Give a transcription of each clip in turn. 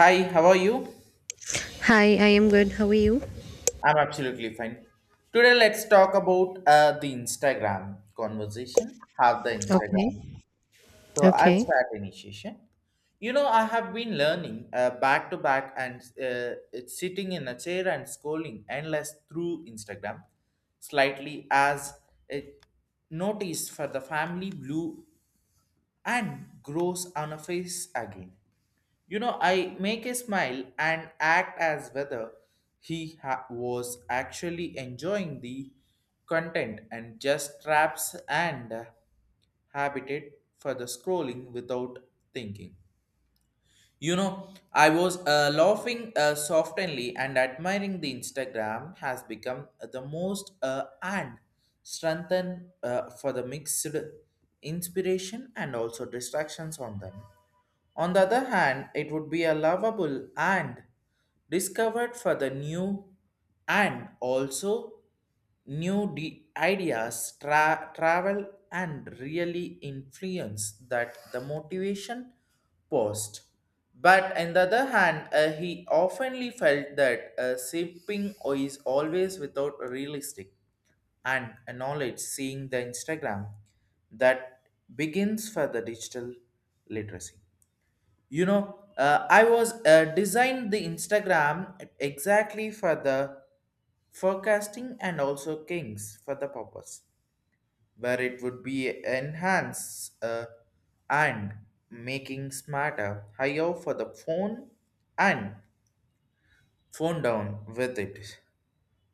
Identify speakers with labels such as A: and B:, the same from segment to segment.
A: Hi, how are you?
B: Hi, I am good. How are you?
A: I'm absolutely fine. Today, let's talk about the Instagram conversation. Have the
B: Okay,
A: Instagram. So, I'll
B: okay.
A: start initiation. You know, I have been learning back to back and it's sitting in a chair and scrolling endless through Instagram, slightly as it noticed for the family blue and grows on a face again. You know, I make a smile and act as whether was actually enjoying the content and just traps and habited for the scrolling without thinking. You know, I was laughing softly and admiring the Instagram has become the most and strengthened for the mixed inspiration and also distractions on them. On the other hand, it would be a lovable and discovered for the new and also ideas travel and really influence that the motivation post. But on the other hand, he oftenly felt that sipping is always without realistic and a knowledge seeing the Instagram that begins for the digital literacy. You know, I was designed the Instagram exactly for the forecasting and also kings for the purpose, where it would be enhanced and making smarter higher for the phone and phone down with it,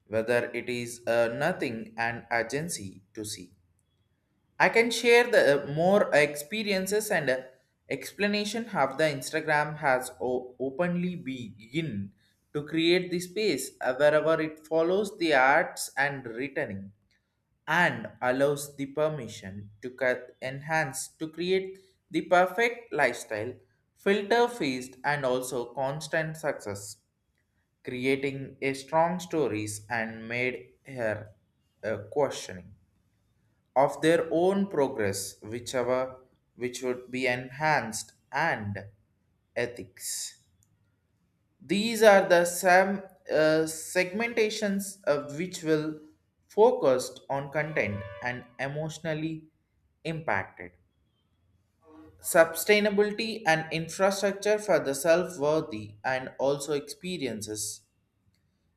A: whether it is nothing and urgency to see. I can share the more experiences and explanation how the Instagram has openly begin to create the space wherever it follows the arts and returning and allows the permission to cut enhance to create the perfect lifestyle filter feast and also constant success creating a strong stories and made her questioning of their own progress, whichever which would be enhanced and ethics. These are the some segmentations of which will focused on content and emotionally impacted. Sustainability and infrastructure for the self-worthy and also experiences,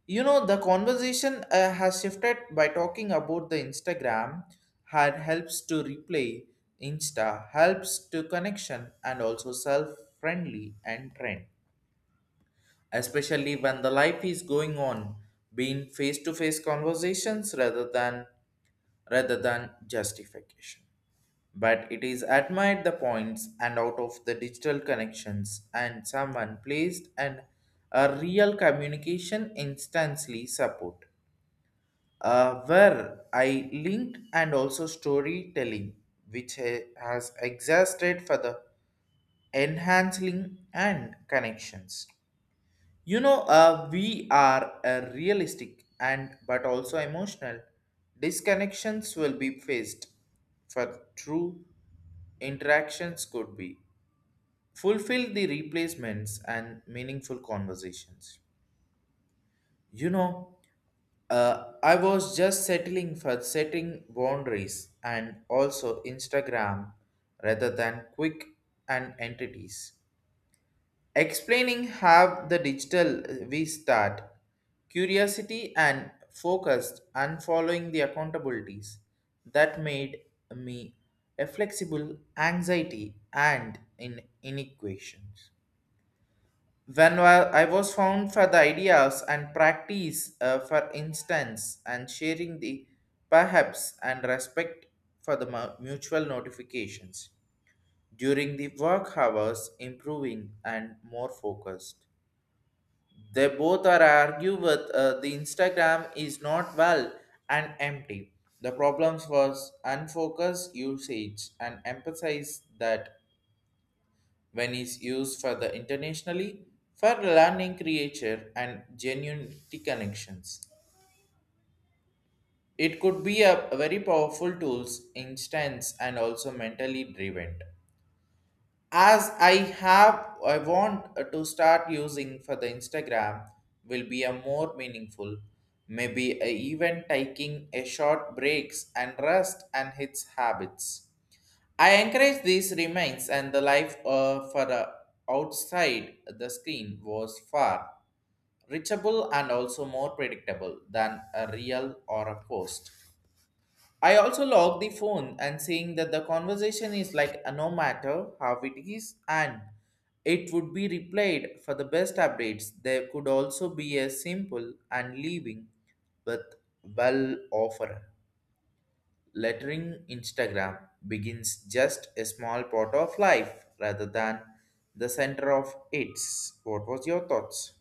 A: you know, the conversation has shifted by talking about the Instagram had helps to replay Insta, helps to connection and also self-friendly and trend. Especially when the life is going on, being face-to-face conversations rather than justification. But it is admired the points and out of the digital connections and someone placed and a real communication instantly support where I linked and also storytelling, which has exhausted for the enhancing and connections. You know, we are a realistic and but also emotional. Disconnections will be faced for true interactions could be fulfill the replacements and meaningful conversations, you know, I was just settling for setting boundaries and also Instagram rather than quick and entities. Explaining how the digital we start, curiosity and focused and following the accountabilities that made me a flexible anxiety and in inequations. When I was found for the ideas and practice, for instance, and sharing the perhaps and respect for the mutual notifications during the work hours, improving and more focused. They both are argue with the Instagram is not well and empty. The problems was unfocused usage and emphasize that when is used for the internationally for learning creature and genuine connections. It could be a very powerful tools, instance, and also mentally driven. As I have, I want to start using for the Instagram will be a more meaningful. Maybe a even taking a short breaks and rest and its habits. I encourage these reminds, and the life for outside the screen was far reachable and also more predictable than a real or a post. I also log the phone and seeing that the conversation is like no matter how it is and it would be replayed for the best updates. There could also be a simple and leaving with well offer lettering Instagram begins just a small part of life rather than the center of its. What was your thoughts?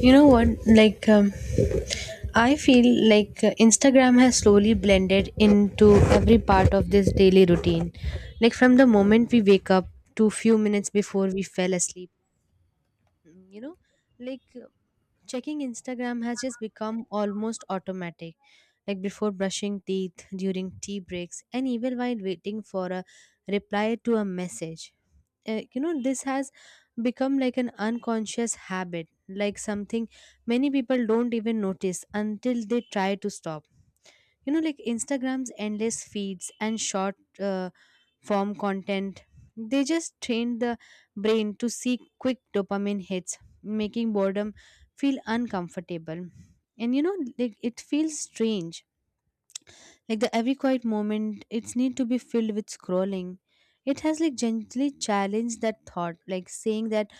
B: You know what? I feel like Instagram has slowly blended into every part of this daily routine. Like, from the moment we wake up to few minutes before we fell asleep, you know, like checking Instagram has just become almost automatic, like before brushing teeth, during tea breaks, and even while waiting for a reply to a message. You know, this has become like an unconscious habit, like something many people don't even notice until they try to stop. You know, like Instagram's endless feeds and short form content, they just train the brain to seek quick dopamine hits, making boredom feel uncomfortable. And you know, like it feels strange, like the every quiet moment it's need to be filled with scrolling. It has like gently challenged that thought, like saying that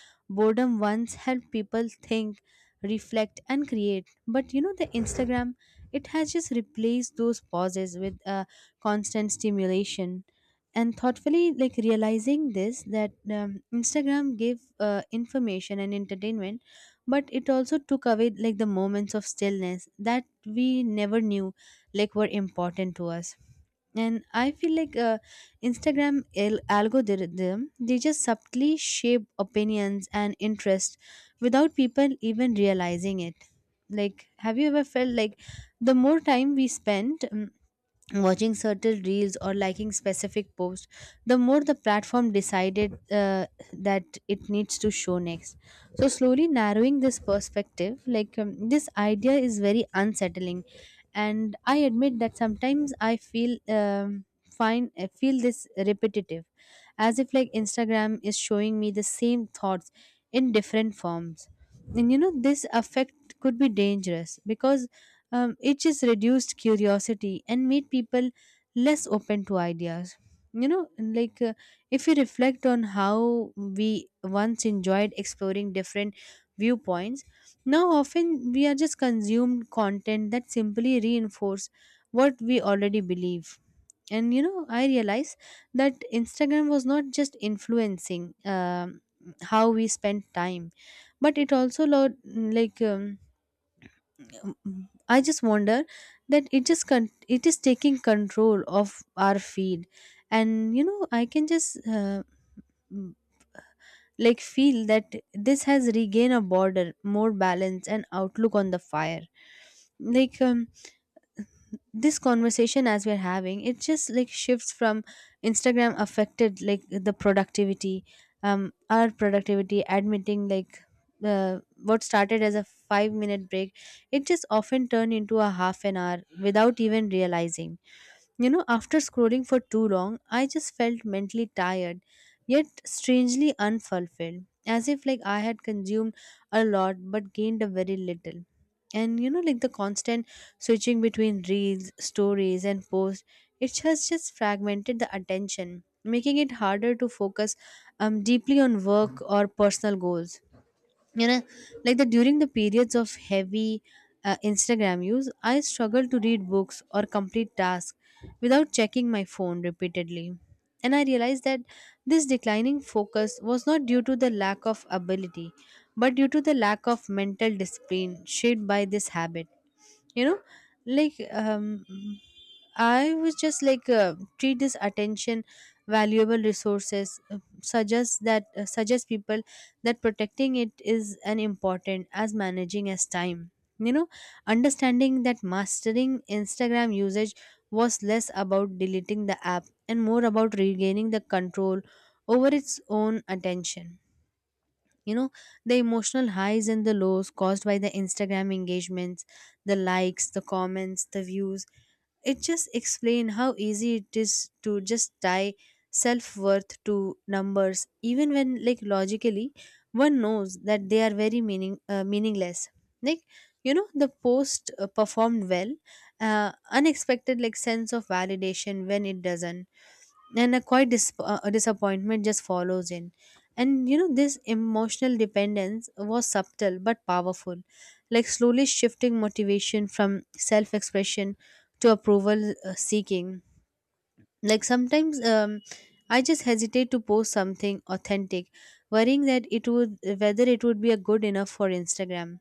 B: boredom once helped people think, reflect and create. But you know, the Instagram, it has just replaced those pauses with constant stimulation. And thoughtfully, like realizing this, that Instagram gave information and entertainment, but it also took away like the moments of stillness that we never knew like were important to us. And I feel like Instagram algorithm, they just subtly shape opinions and interest without people even realizing it. Like, have you ever felt like the more time we spend watching certain reels or liking specific posts, the more the platform decided that it needs to show next, so slowly narrowing this perspective. This idea is very unsettling, and I admit that sometimes I feel fine I feel this repetitive, as if like Instagram is showing me the same thoughts in different forms. And you know, this effect could be dangerous because it just reduced curiosity and made people less open to ideas. You know, like uh, if you reflect on how we once enjoyed exploring different viewpoints, now often we are just consumed content that simply reinforce what we already believe. And you know, I realized that Instagram was not just influencing how we spend time, but it also like um, I just wonder that it just it is taking control of our feed. And you know, I can just mm, like feel that this has regained a border, more balance, and outlook on the fire. Like um, this conversation as we're having it, just like, shifts from Instagram affected like the productivity, our productivity, admitting like what started as a 5-minute break, it just often turned into a half an hour without even realizing. You know, after scrolling for too long, I just felt mentally tired, yet strangely unfulfilled, as if like I had consumed a lot but gained a very little. And you know, like the constant switching between reels, stories, and posts, it has just fragmented the attention, making it harder to focus deeply on work or personal goals. You know, like the during the periods of heavy Instagram use, I struggle to read books or complete tasks without checking my phone repeatedly. And I realized that this declining focus was not due to the lack of ability, but due to the lack of mental discipline shaped by this habit. You know, like um, I was just treat this attention valuable resources, suggest people that protecting it is an important as managing as time. You know, understanding that mastering Instagram usage was less about deleting the app and more about regaining the control over its own attention. You know, the emotional highs and the lows caused by the Instagram engagements, the likes, the comments, the views, it just explains how easy it is to just tie self worth to numbers, even when like logically one knows that they are very meaningless. Like, you know, the post performed well, unexpected like sense of validation, when it doesn't, and a quite dis- a disappointment just follows in. And you know, this emotional dependence was subtle but powerful, like slowly shifting motivation from self-expression to approval seeking. Like sometimes I just hesitate to post something authentic, worrying that it would, whether it would be a good enough for Instagram.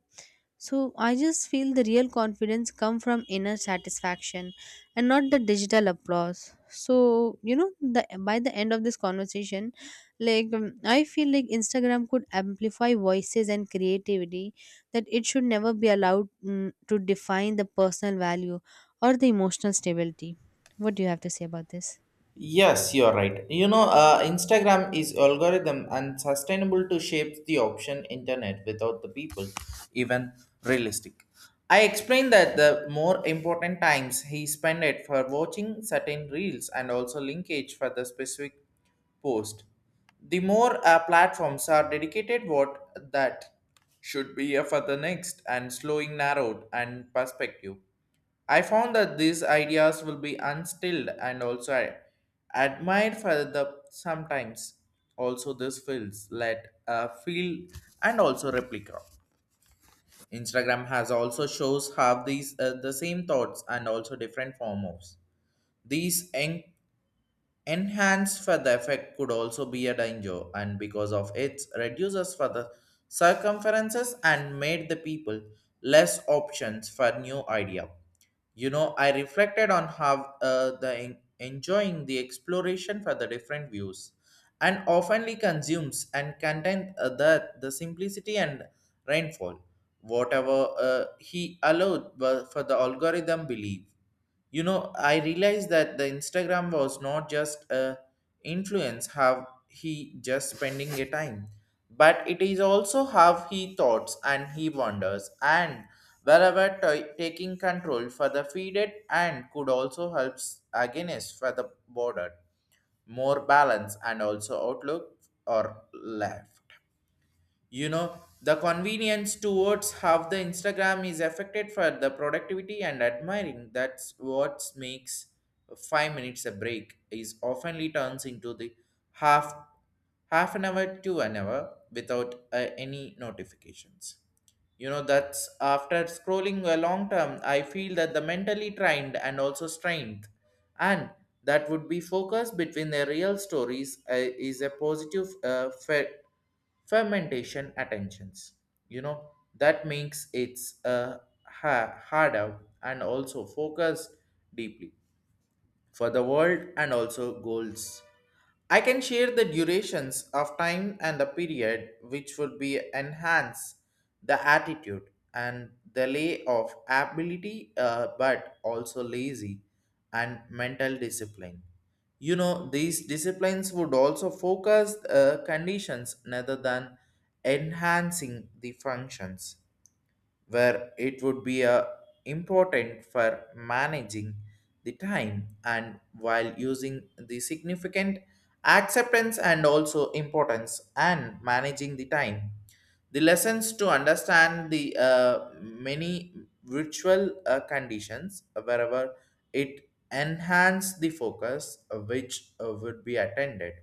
B: So I just feel the real confidence come from inner satisfaction and not the digital applause. So you know, the by the end of this conversation, I feel like Instagram could amplify voices and creativity, that it should never be allowed to define the personal value or the emotional stability. What do you have to say about this?
A: Yes, you're right. You know, Instagram is algorithm and sustainable to shape the option internet without the people even realistic. I explained that the more important times he spent it for watching certain reels and also linkage for the specific post. The more platforms are dedicated what that should be for the next and slowing narrowed and perspective. I found that these ideas will be instilled and also I admired for the sometimes also this feels let feel and also replica. Instagram has also shows have these the same thoughts and also different forms. These en- Enhanced for the effect could also be a danger, and because of its reduces for the circumferences and made the people less options for new idea. You know, I reflected on how the enjoying the exploration for the different views, and oftenly consumes and content the simplicity and rainfall, whatever he allowed were for the algorithm believe, you know, I realized that the Instagram was not just a influence how he just spending a time but it is also how he thoughts and he wonders and wherever taking control for the feeded and could also helps against for the border, more balance and also outlook or life. You know, the convenience towards how the Instagram is affected for the productivity and admiring that's what makes 5 minutes a break is oftenly turns into the half half an hour to an hour without any notifications. You know, that's after scrolling a long term, I feel that the mentally trained and also strained, and that would be focus between the real stories is a positive fermentation attentions. You know, that makes it's harder and also focus deeply for the world and also goals. I can share the durations of time and the period which would be enhance the attitude and the lay of ability but also lazy and mental discipline. You know, these disciplines would also focus conditions rather than enhancing the functions where it would be a important for managing the time and while using the significant acceptance and also importance and managing the time, the lessons to understand the many virtual conditions wherever it enhance the focus which would be attended.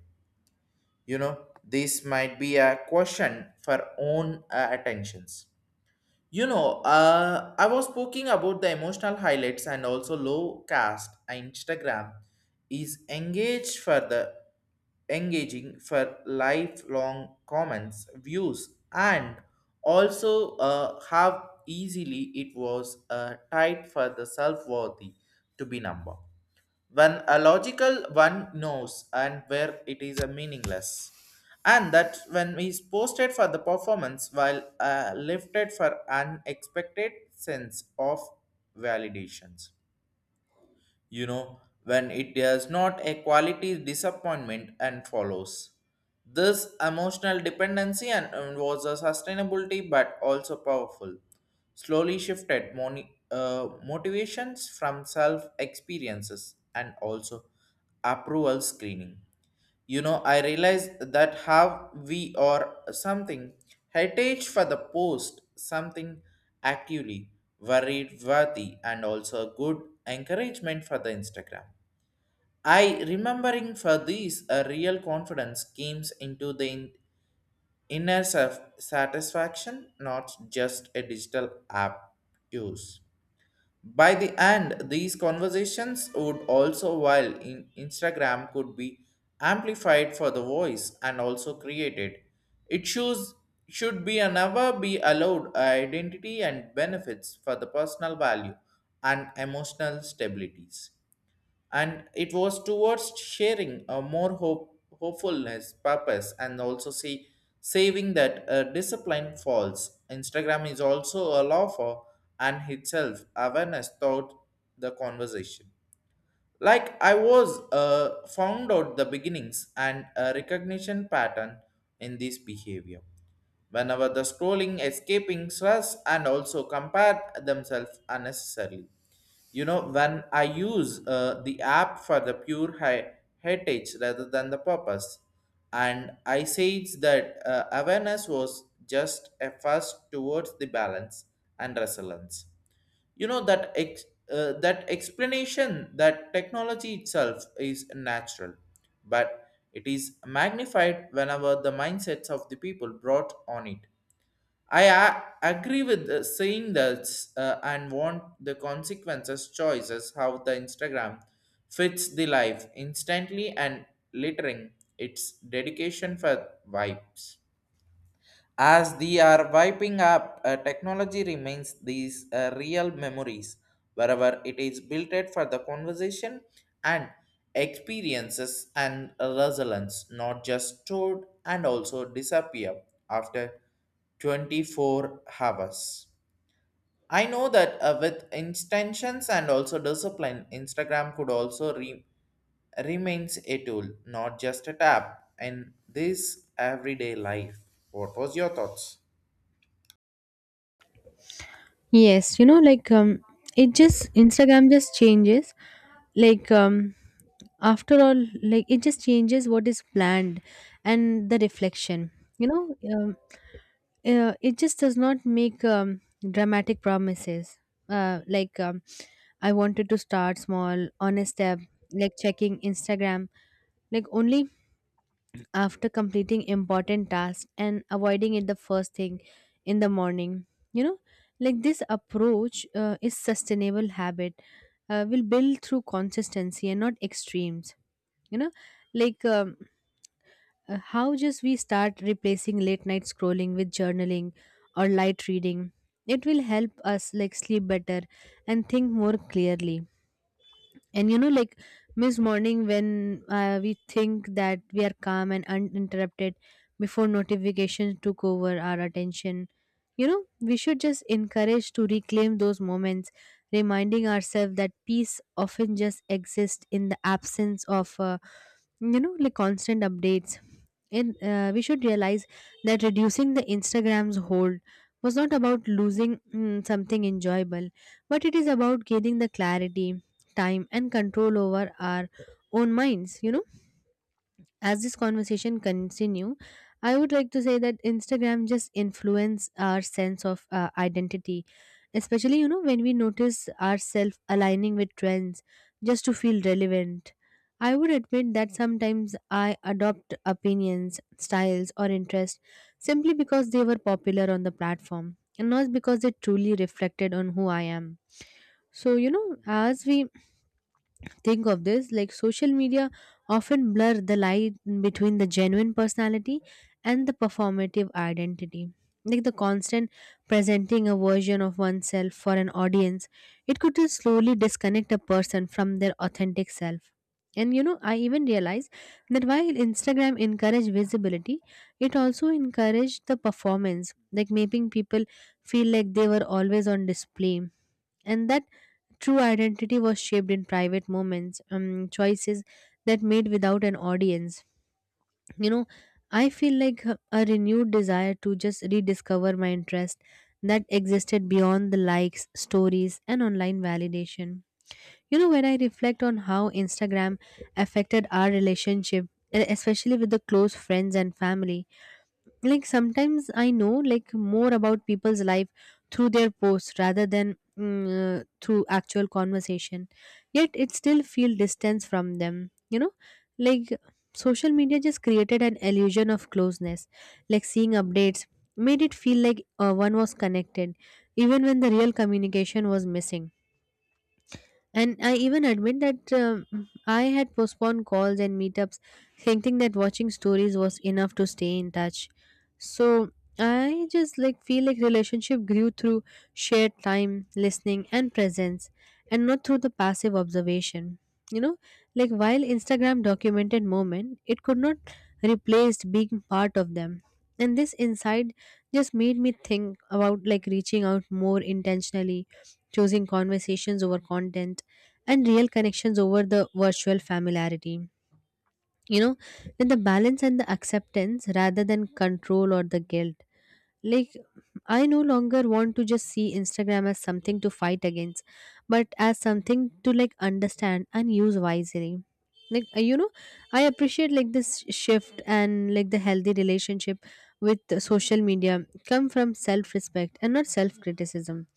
A: You know, this might be a question for own attentions. You know, I was speaking about the emotional highlights and also low cast. Instagram is engaged for the engaging for lifelong comments, views, and also how easily it was tied for the self-worthy to be number when a logical one knows and where it is a meaningless and that when he is posted for the performance while lifted for unexpected sense of validations, you know, when it does not a quality disappointment and follows. This emotional dependency and was a sustainability but also powerful. Slowly shifted motivations from self experiences and also approval screening. You know, I realize that how we or something heritage for the post, something actively worried worthy, and also good encouragement for the Instagram. I remembering for these a real confidence came into the inner self satisfaction, not just a digital app use. By the end, these conversations would also, while in Instagram could be amplified for the voice and also created, it shows, should be and never be allowed identity and benefits for the personal value and emotional stabilities, and it was towards sharing a more hopefulness purpose and also see saving that discipline falls Instagram is also a law for and itself awareness thought the conversation, like I was found out the beginnings and a recognition pattern in this behavior whenever the scrolling escaping stress and also compare themselves unnecessarily. You know, when I use the app for the pure heritage rather than the purpose, and I say that awareness was just a first towards the balance and resilience. You know, that explanation that technology itself is natural but it is magnified whenever the mindsets of the people brought on it. I agree with saying that and want the consequences choices how the Instagram fits the life instantly and littering its dedication for vibes. As they are wiping up, technology remains these real memories wherever it is built it for the conversation and experiences and resilience, not just stored and also disappear after 24 hours. I know that with intentions and also discipline, Instagram could also remains a tool, not just a tab in this everyday life. What was your thoughts?
B: Yes, you know, it just Instagram just changes. Like um, After all, like it just changes what is planned and the reflection. You know, it just does not make dramatic promises. Uh, like um, I wanted to start small, on a step, like checking Instagram, like only after completing important tasks and avoiding it the first thing in the morning. You know, like this approach is sustainable habit, will build through consistency and not extremes. You know, like um, how just we start replacing late night scrolling with journaling or light reading, it will help us like sleep better and think more clearly. And you know, like miss morning when we think that we are calm and uninterrupted before notifications took over our attention. You know, we should just encourage to reclaim those moments, reminding ourselves that peace often just exists in the absence of you know, like constant updates. And we should realize that reducing the Instagram's hold was not about losing something enjoyable, but it is about gaining the clarity, time and control over our own minds. You know, as this conversation continue, I would like to say that Instagram just influence our sense of identity, especially, you know, when we notice ourselves aligning with trends just to feel relevant. I would admit that sometimes I adopt opinions, styles or interests simply because they were popular on the platform and not because they truly reflected on who I am. So you know, as we think of this, like social media often blur the line between the genuine personality and the performative identity. Like the constant presenting a version of oneself for an audience, it could just slowly disconnect a person from their authentic self. And you know, I even realized that while Instagram encouraged visibility, it also encouraged the performance, like making people feel like they were always on display. And that true identity was shaped in private moments, choices that made without an audience. You know, I feel like a renewed desire to just rediscover my interest that existed beyond the likes, stories, and online validation. You know, when I reflect on how Instagram affected our relationship, especially with the close friends and family, like sometimes I know like more about people's life through their posts rather than through actual conversation, yet it still feel distance from them. You know, like social media just created an illusion of closeness, like seeing updates made it feel like one was connected even when the real communication was missing. And I even admit that I had postponed calls and meetups, thinking that watching stories was enough to stay in touch. So I just like feel like relationship grew through shared time, listening, and presence, and not through the passive observation. You know, like while Instagram documented moment, it could not replace being part of them. And this insight just made me think about like reaching out more intentionally, choosing conversations over content and real connections over the virtual familiarity. You know, then the balance and the acceptance rather than control or the guilt. Like, I no longer want to just see Instagram as something to fight against, but as something to like understand and use wisely. You know, I appreciate like this shift and like the healthy relationship with social media come from self respect and not self criticism.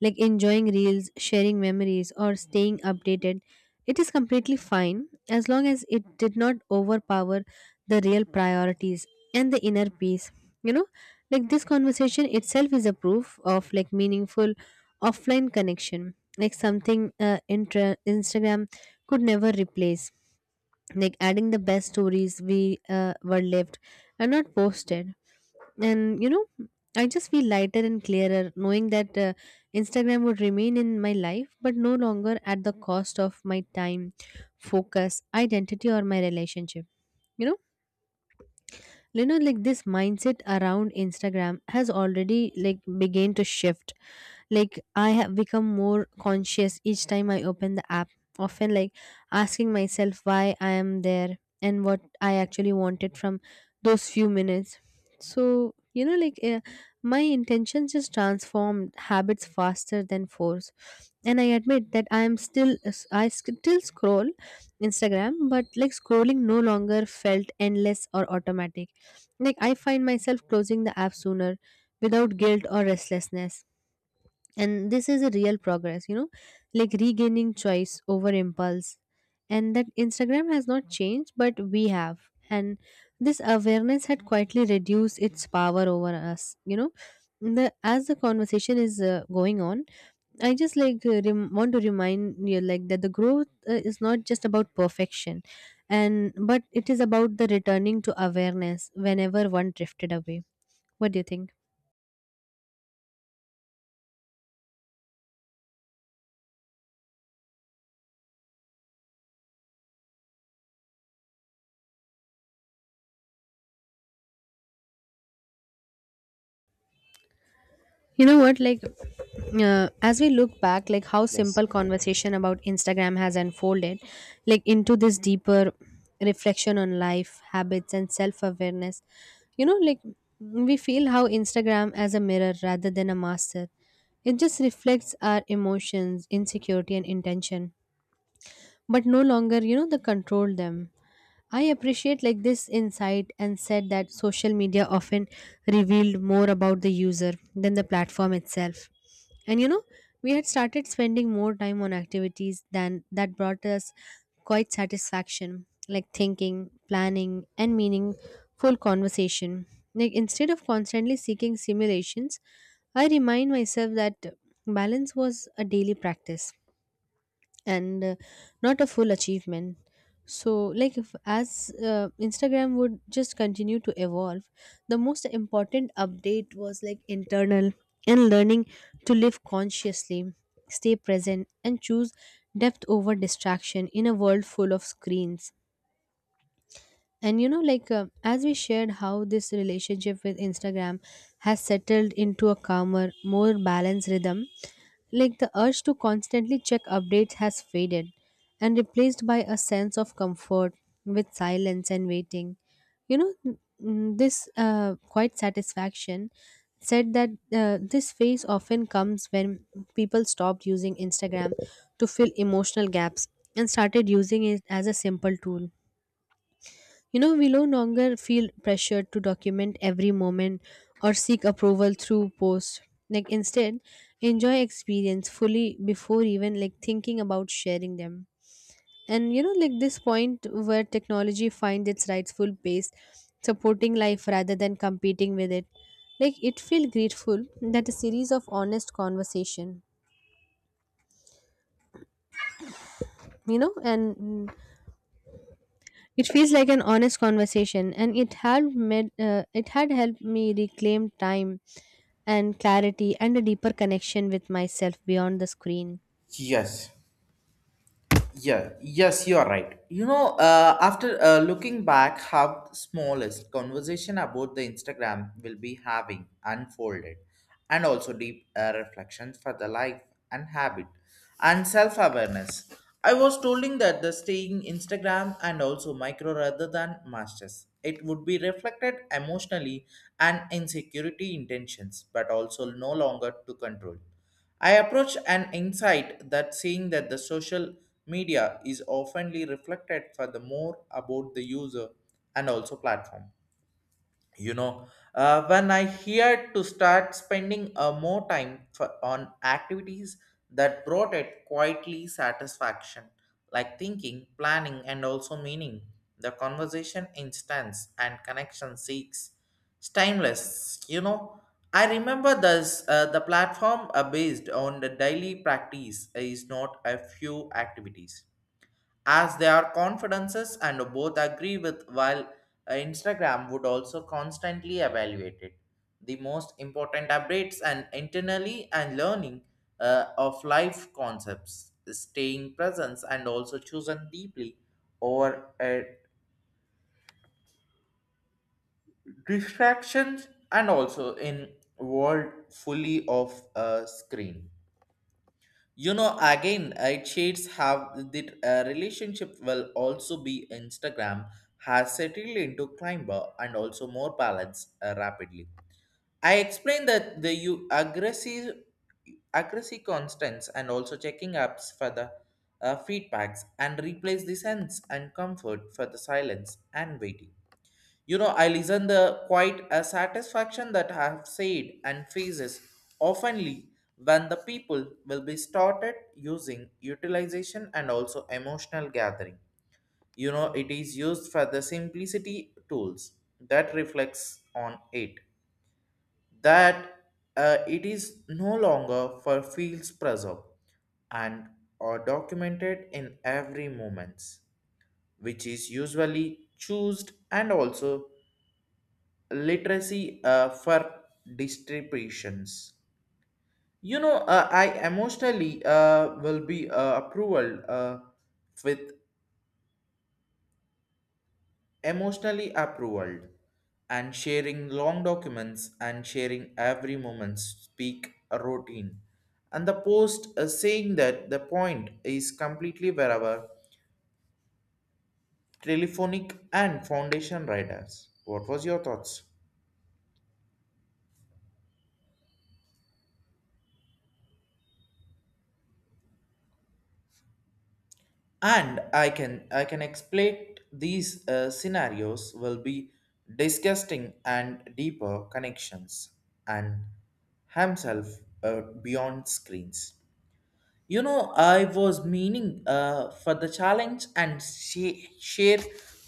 B: Like, enjoying reels, sharing memories, or staying updated, it is completely fine as long as it did not overpower the real priorities and the inner peace. You know, like this conversation itself is a proof of like meaningful offline connection, like something Instagram could never replace, like adding the best stories we were lived and not posted. And you know, I just feel lighter and clearer knowing that Instagram would remain in my life but no longer at the cost of my time, focus, identity or my relationship. You know you know like this mindset around Instagram has already like began to shift. Like, I have become more conscious each time I open the app, often like asking myself why I am there and what I actually wanted from those few minutes. So you know, my intentions just transformed habits faster than force. And I admit that I still scroll Instagram, but like scrolling no longer felt endless or automatic. Like, I find myself closing the app sooner without guilt or restlessness. And this is a real progress, you know, like regaining choice over impulse. And that Instagram has not changed, but we have. And this awareness had quietly reduced its power over us, you know. The, as the conversation is going on, I just want to remind you like that the growth is not just about perfection and but it is about the returning to awareness whenever one drifted away. What do you think? You know what, as we look back, like how
A: Yes.
B: simple conversation about Instagram has unfolded like into this deeper reflection on life, habits and self-awareness. You know, like we feel how Instagram as a mirror rather than a master, it just reflects our emotions, insecurity and intention, but no longer, you know, the control them. I appreciate like this insight and said that social media often revealed more about the user than the platform itself. And you know, we had started spending more time on activities than that brought us quite satisfaction, like thinking, planning and meaningful conversation, like instead of constantly seeking simulations. I remind myself that balance was a daily practice, and not a full achievement. So like if, as Instagram would just continue to evolve, the most important update was like internal, and learning to live consciously, stay present and choose depth over distraction in a world full of screens. And you know, as we shared how this relationship with Instagram has settled into a calmer, more balanced rhythm, like the urge to constantly check updates has faded and replaced by a sense of comfort with silence and waiting. You know, this quite satisfaction said that this phase often comes when people stopped using Instagram to fill emotional gaps and started using it as a simple tool. You know, we no longer feel pressured to document every moment or seek approval through posts. Like instead, enjoy experience fully before even like thinking about sharing them. And you know, like this point where technology finds its rightful place, supporting life rather than competing with it. Like it feel grateful that a series of honest conversation, you know, and it feels like an honest conversation, and it had made it had helped me reclaim time and clarity and a deeper connection with myself beyond the screen.
A: Yes. Yeah. Yes, you are right. You know, after looking back, how the smallest conversation about the Instagram will be having unfolded, and also deep reflections for the life and habit and self awareness. I was telling that the staying Instagram and also micro rather than masters. It would be reflected emotionally and insecurity intentions, but also no longer to control. I approach an insight that seeing that the social media is oftenly reflected for the more about the user and also platform. You know, when I heard to start spending more time for, on activities that brought it quietly satisfaction, like thinking, planning and also meaning the conversation instance and connection seeks it's timeless. You know, I remember this, the platform based on the daily practice is not a few activities as they are confidences and both agree with while Instagram would also constantly evaluate it, the most important updates and internally and learning of life concepts staying presence and also chosen deeply or distractions and also in world fully of screen. You know, again, it shades have the relationship will also be Instagram has settled into climber and also more balance rapidly. I explained that the you aggressive constants and also checking apps for the feedbacks and replace the sense and comfort for the silence and waiting. You know, I listen the quite a satisfaction that I have said and faces oftenly when the people will be started using utilization and also emotional gathering. You know, it is used for the simplicity tools that reflects on it. That it is no longer for fields preserved and are documented in every moments, which is usually choosed and also literacy for distributions. You know, i emotionally will be approval with emotionally approval and sharing long documents and sharing every moment speak a routine and the post saying that the point is completely wherever telephonic and foundation riders what was your thoughts, and I can expect these scenarios will be disgusting and deeper connections and himself beyond screens. You know, I was meaning for the challenge and share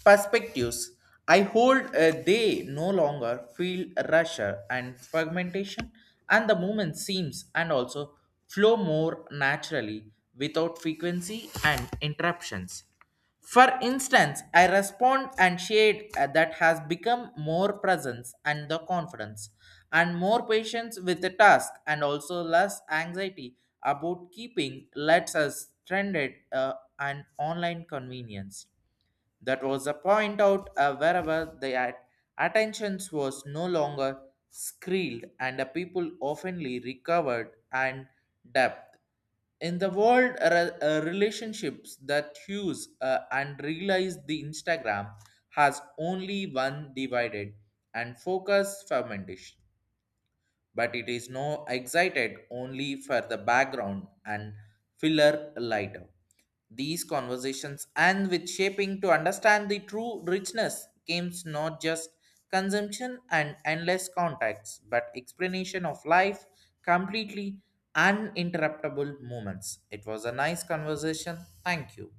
A: perspectives. I hold they no longer feel rusher and fragmentation, and the movement seems and also flow more naturally without frequency and interruptions. For instance, I respond and shade that has become more presence and the confidence, and more patience with the task, and also less anxiety about keeping lets us trended and online convenience. That was a point out wherever the attentions was no longer screeled and the people oftenly recovered and depth. In the world relationships that use and realize the Instagram has only one divided and focus fermentation but it is no excited only for the background and filler lighter. These conversations and with shaping to understand the true richness comes not just consumption and endless contacts, but explanation of life completely uninterruptible moments. It was a nice conversation. Thank you.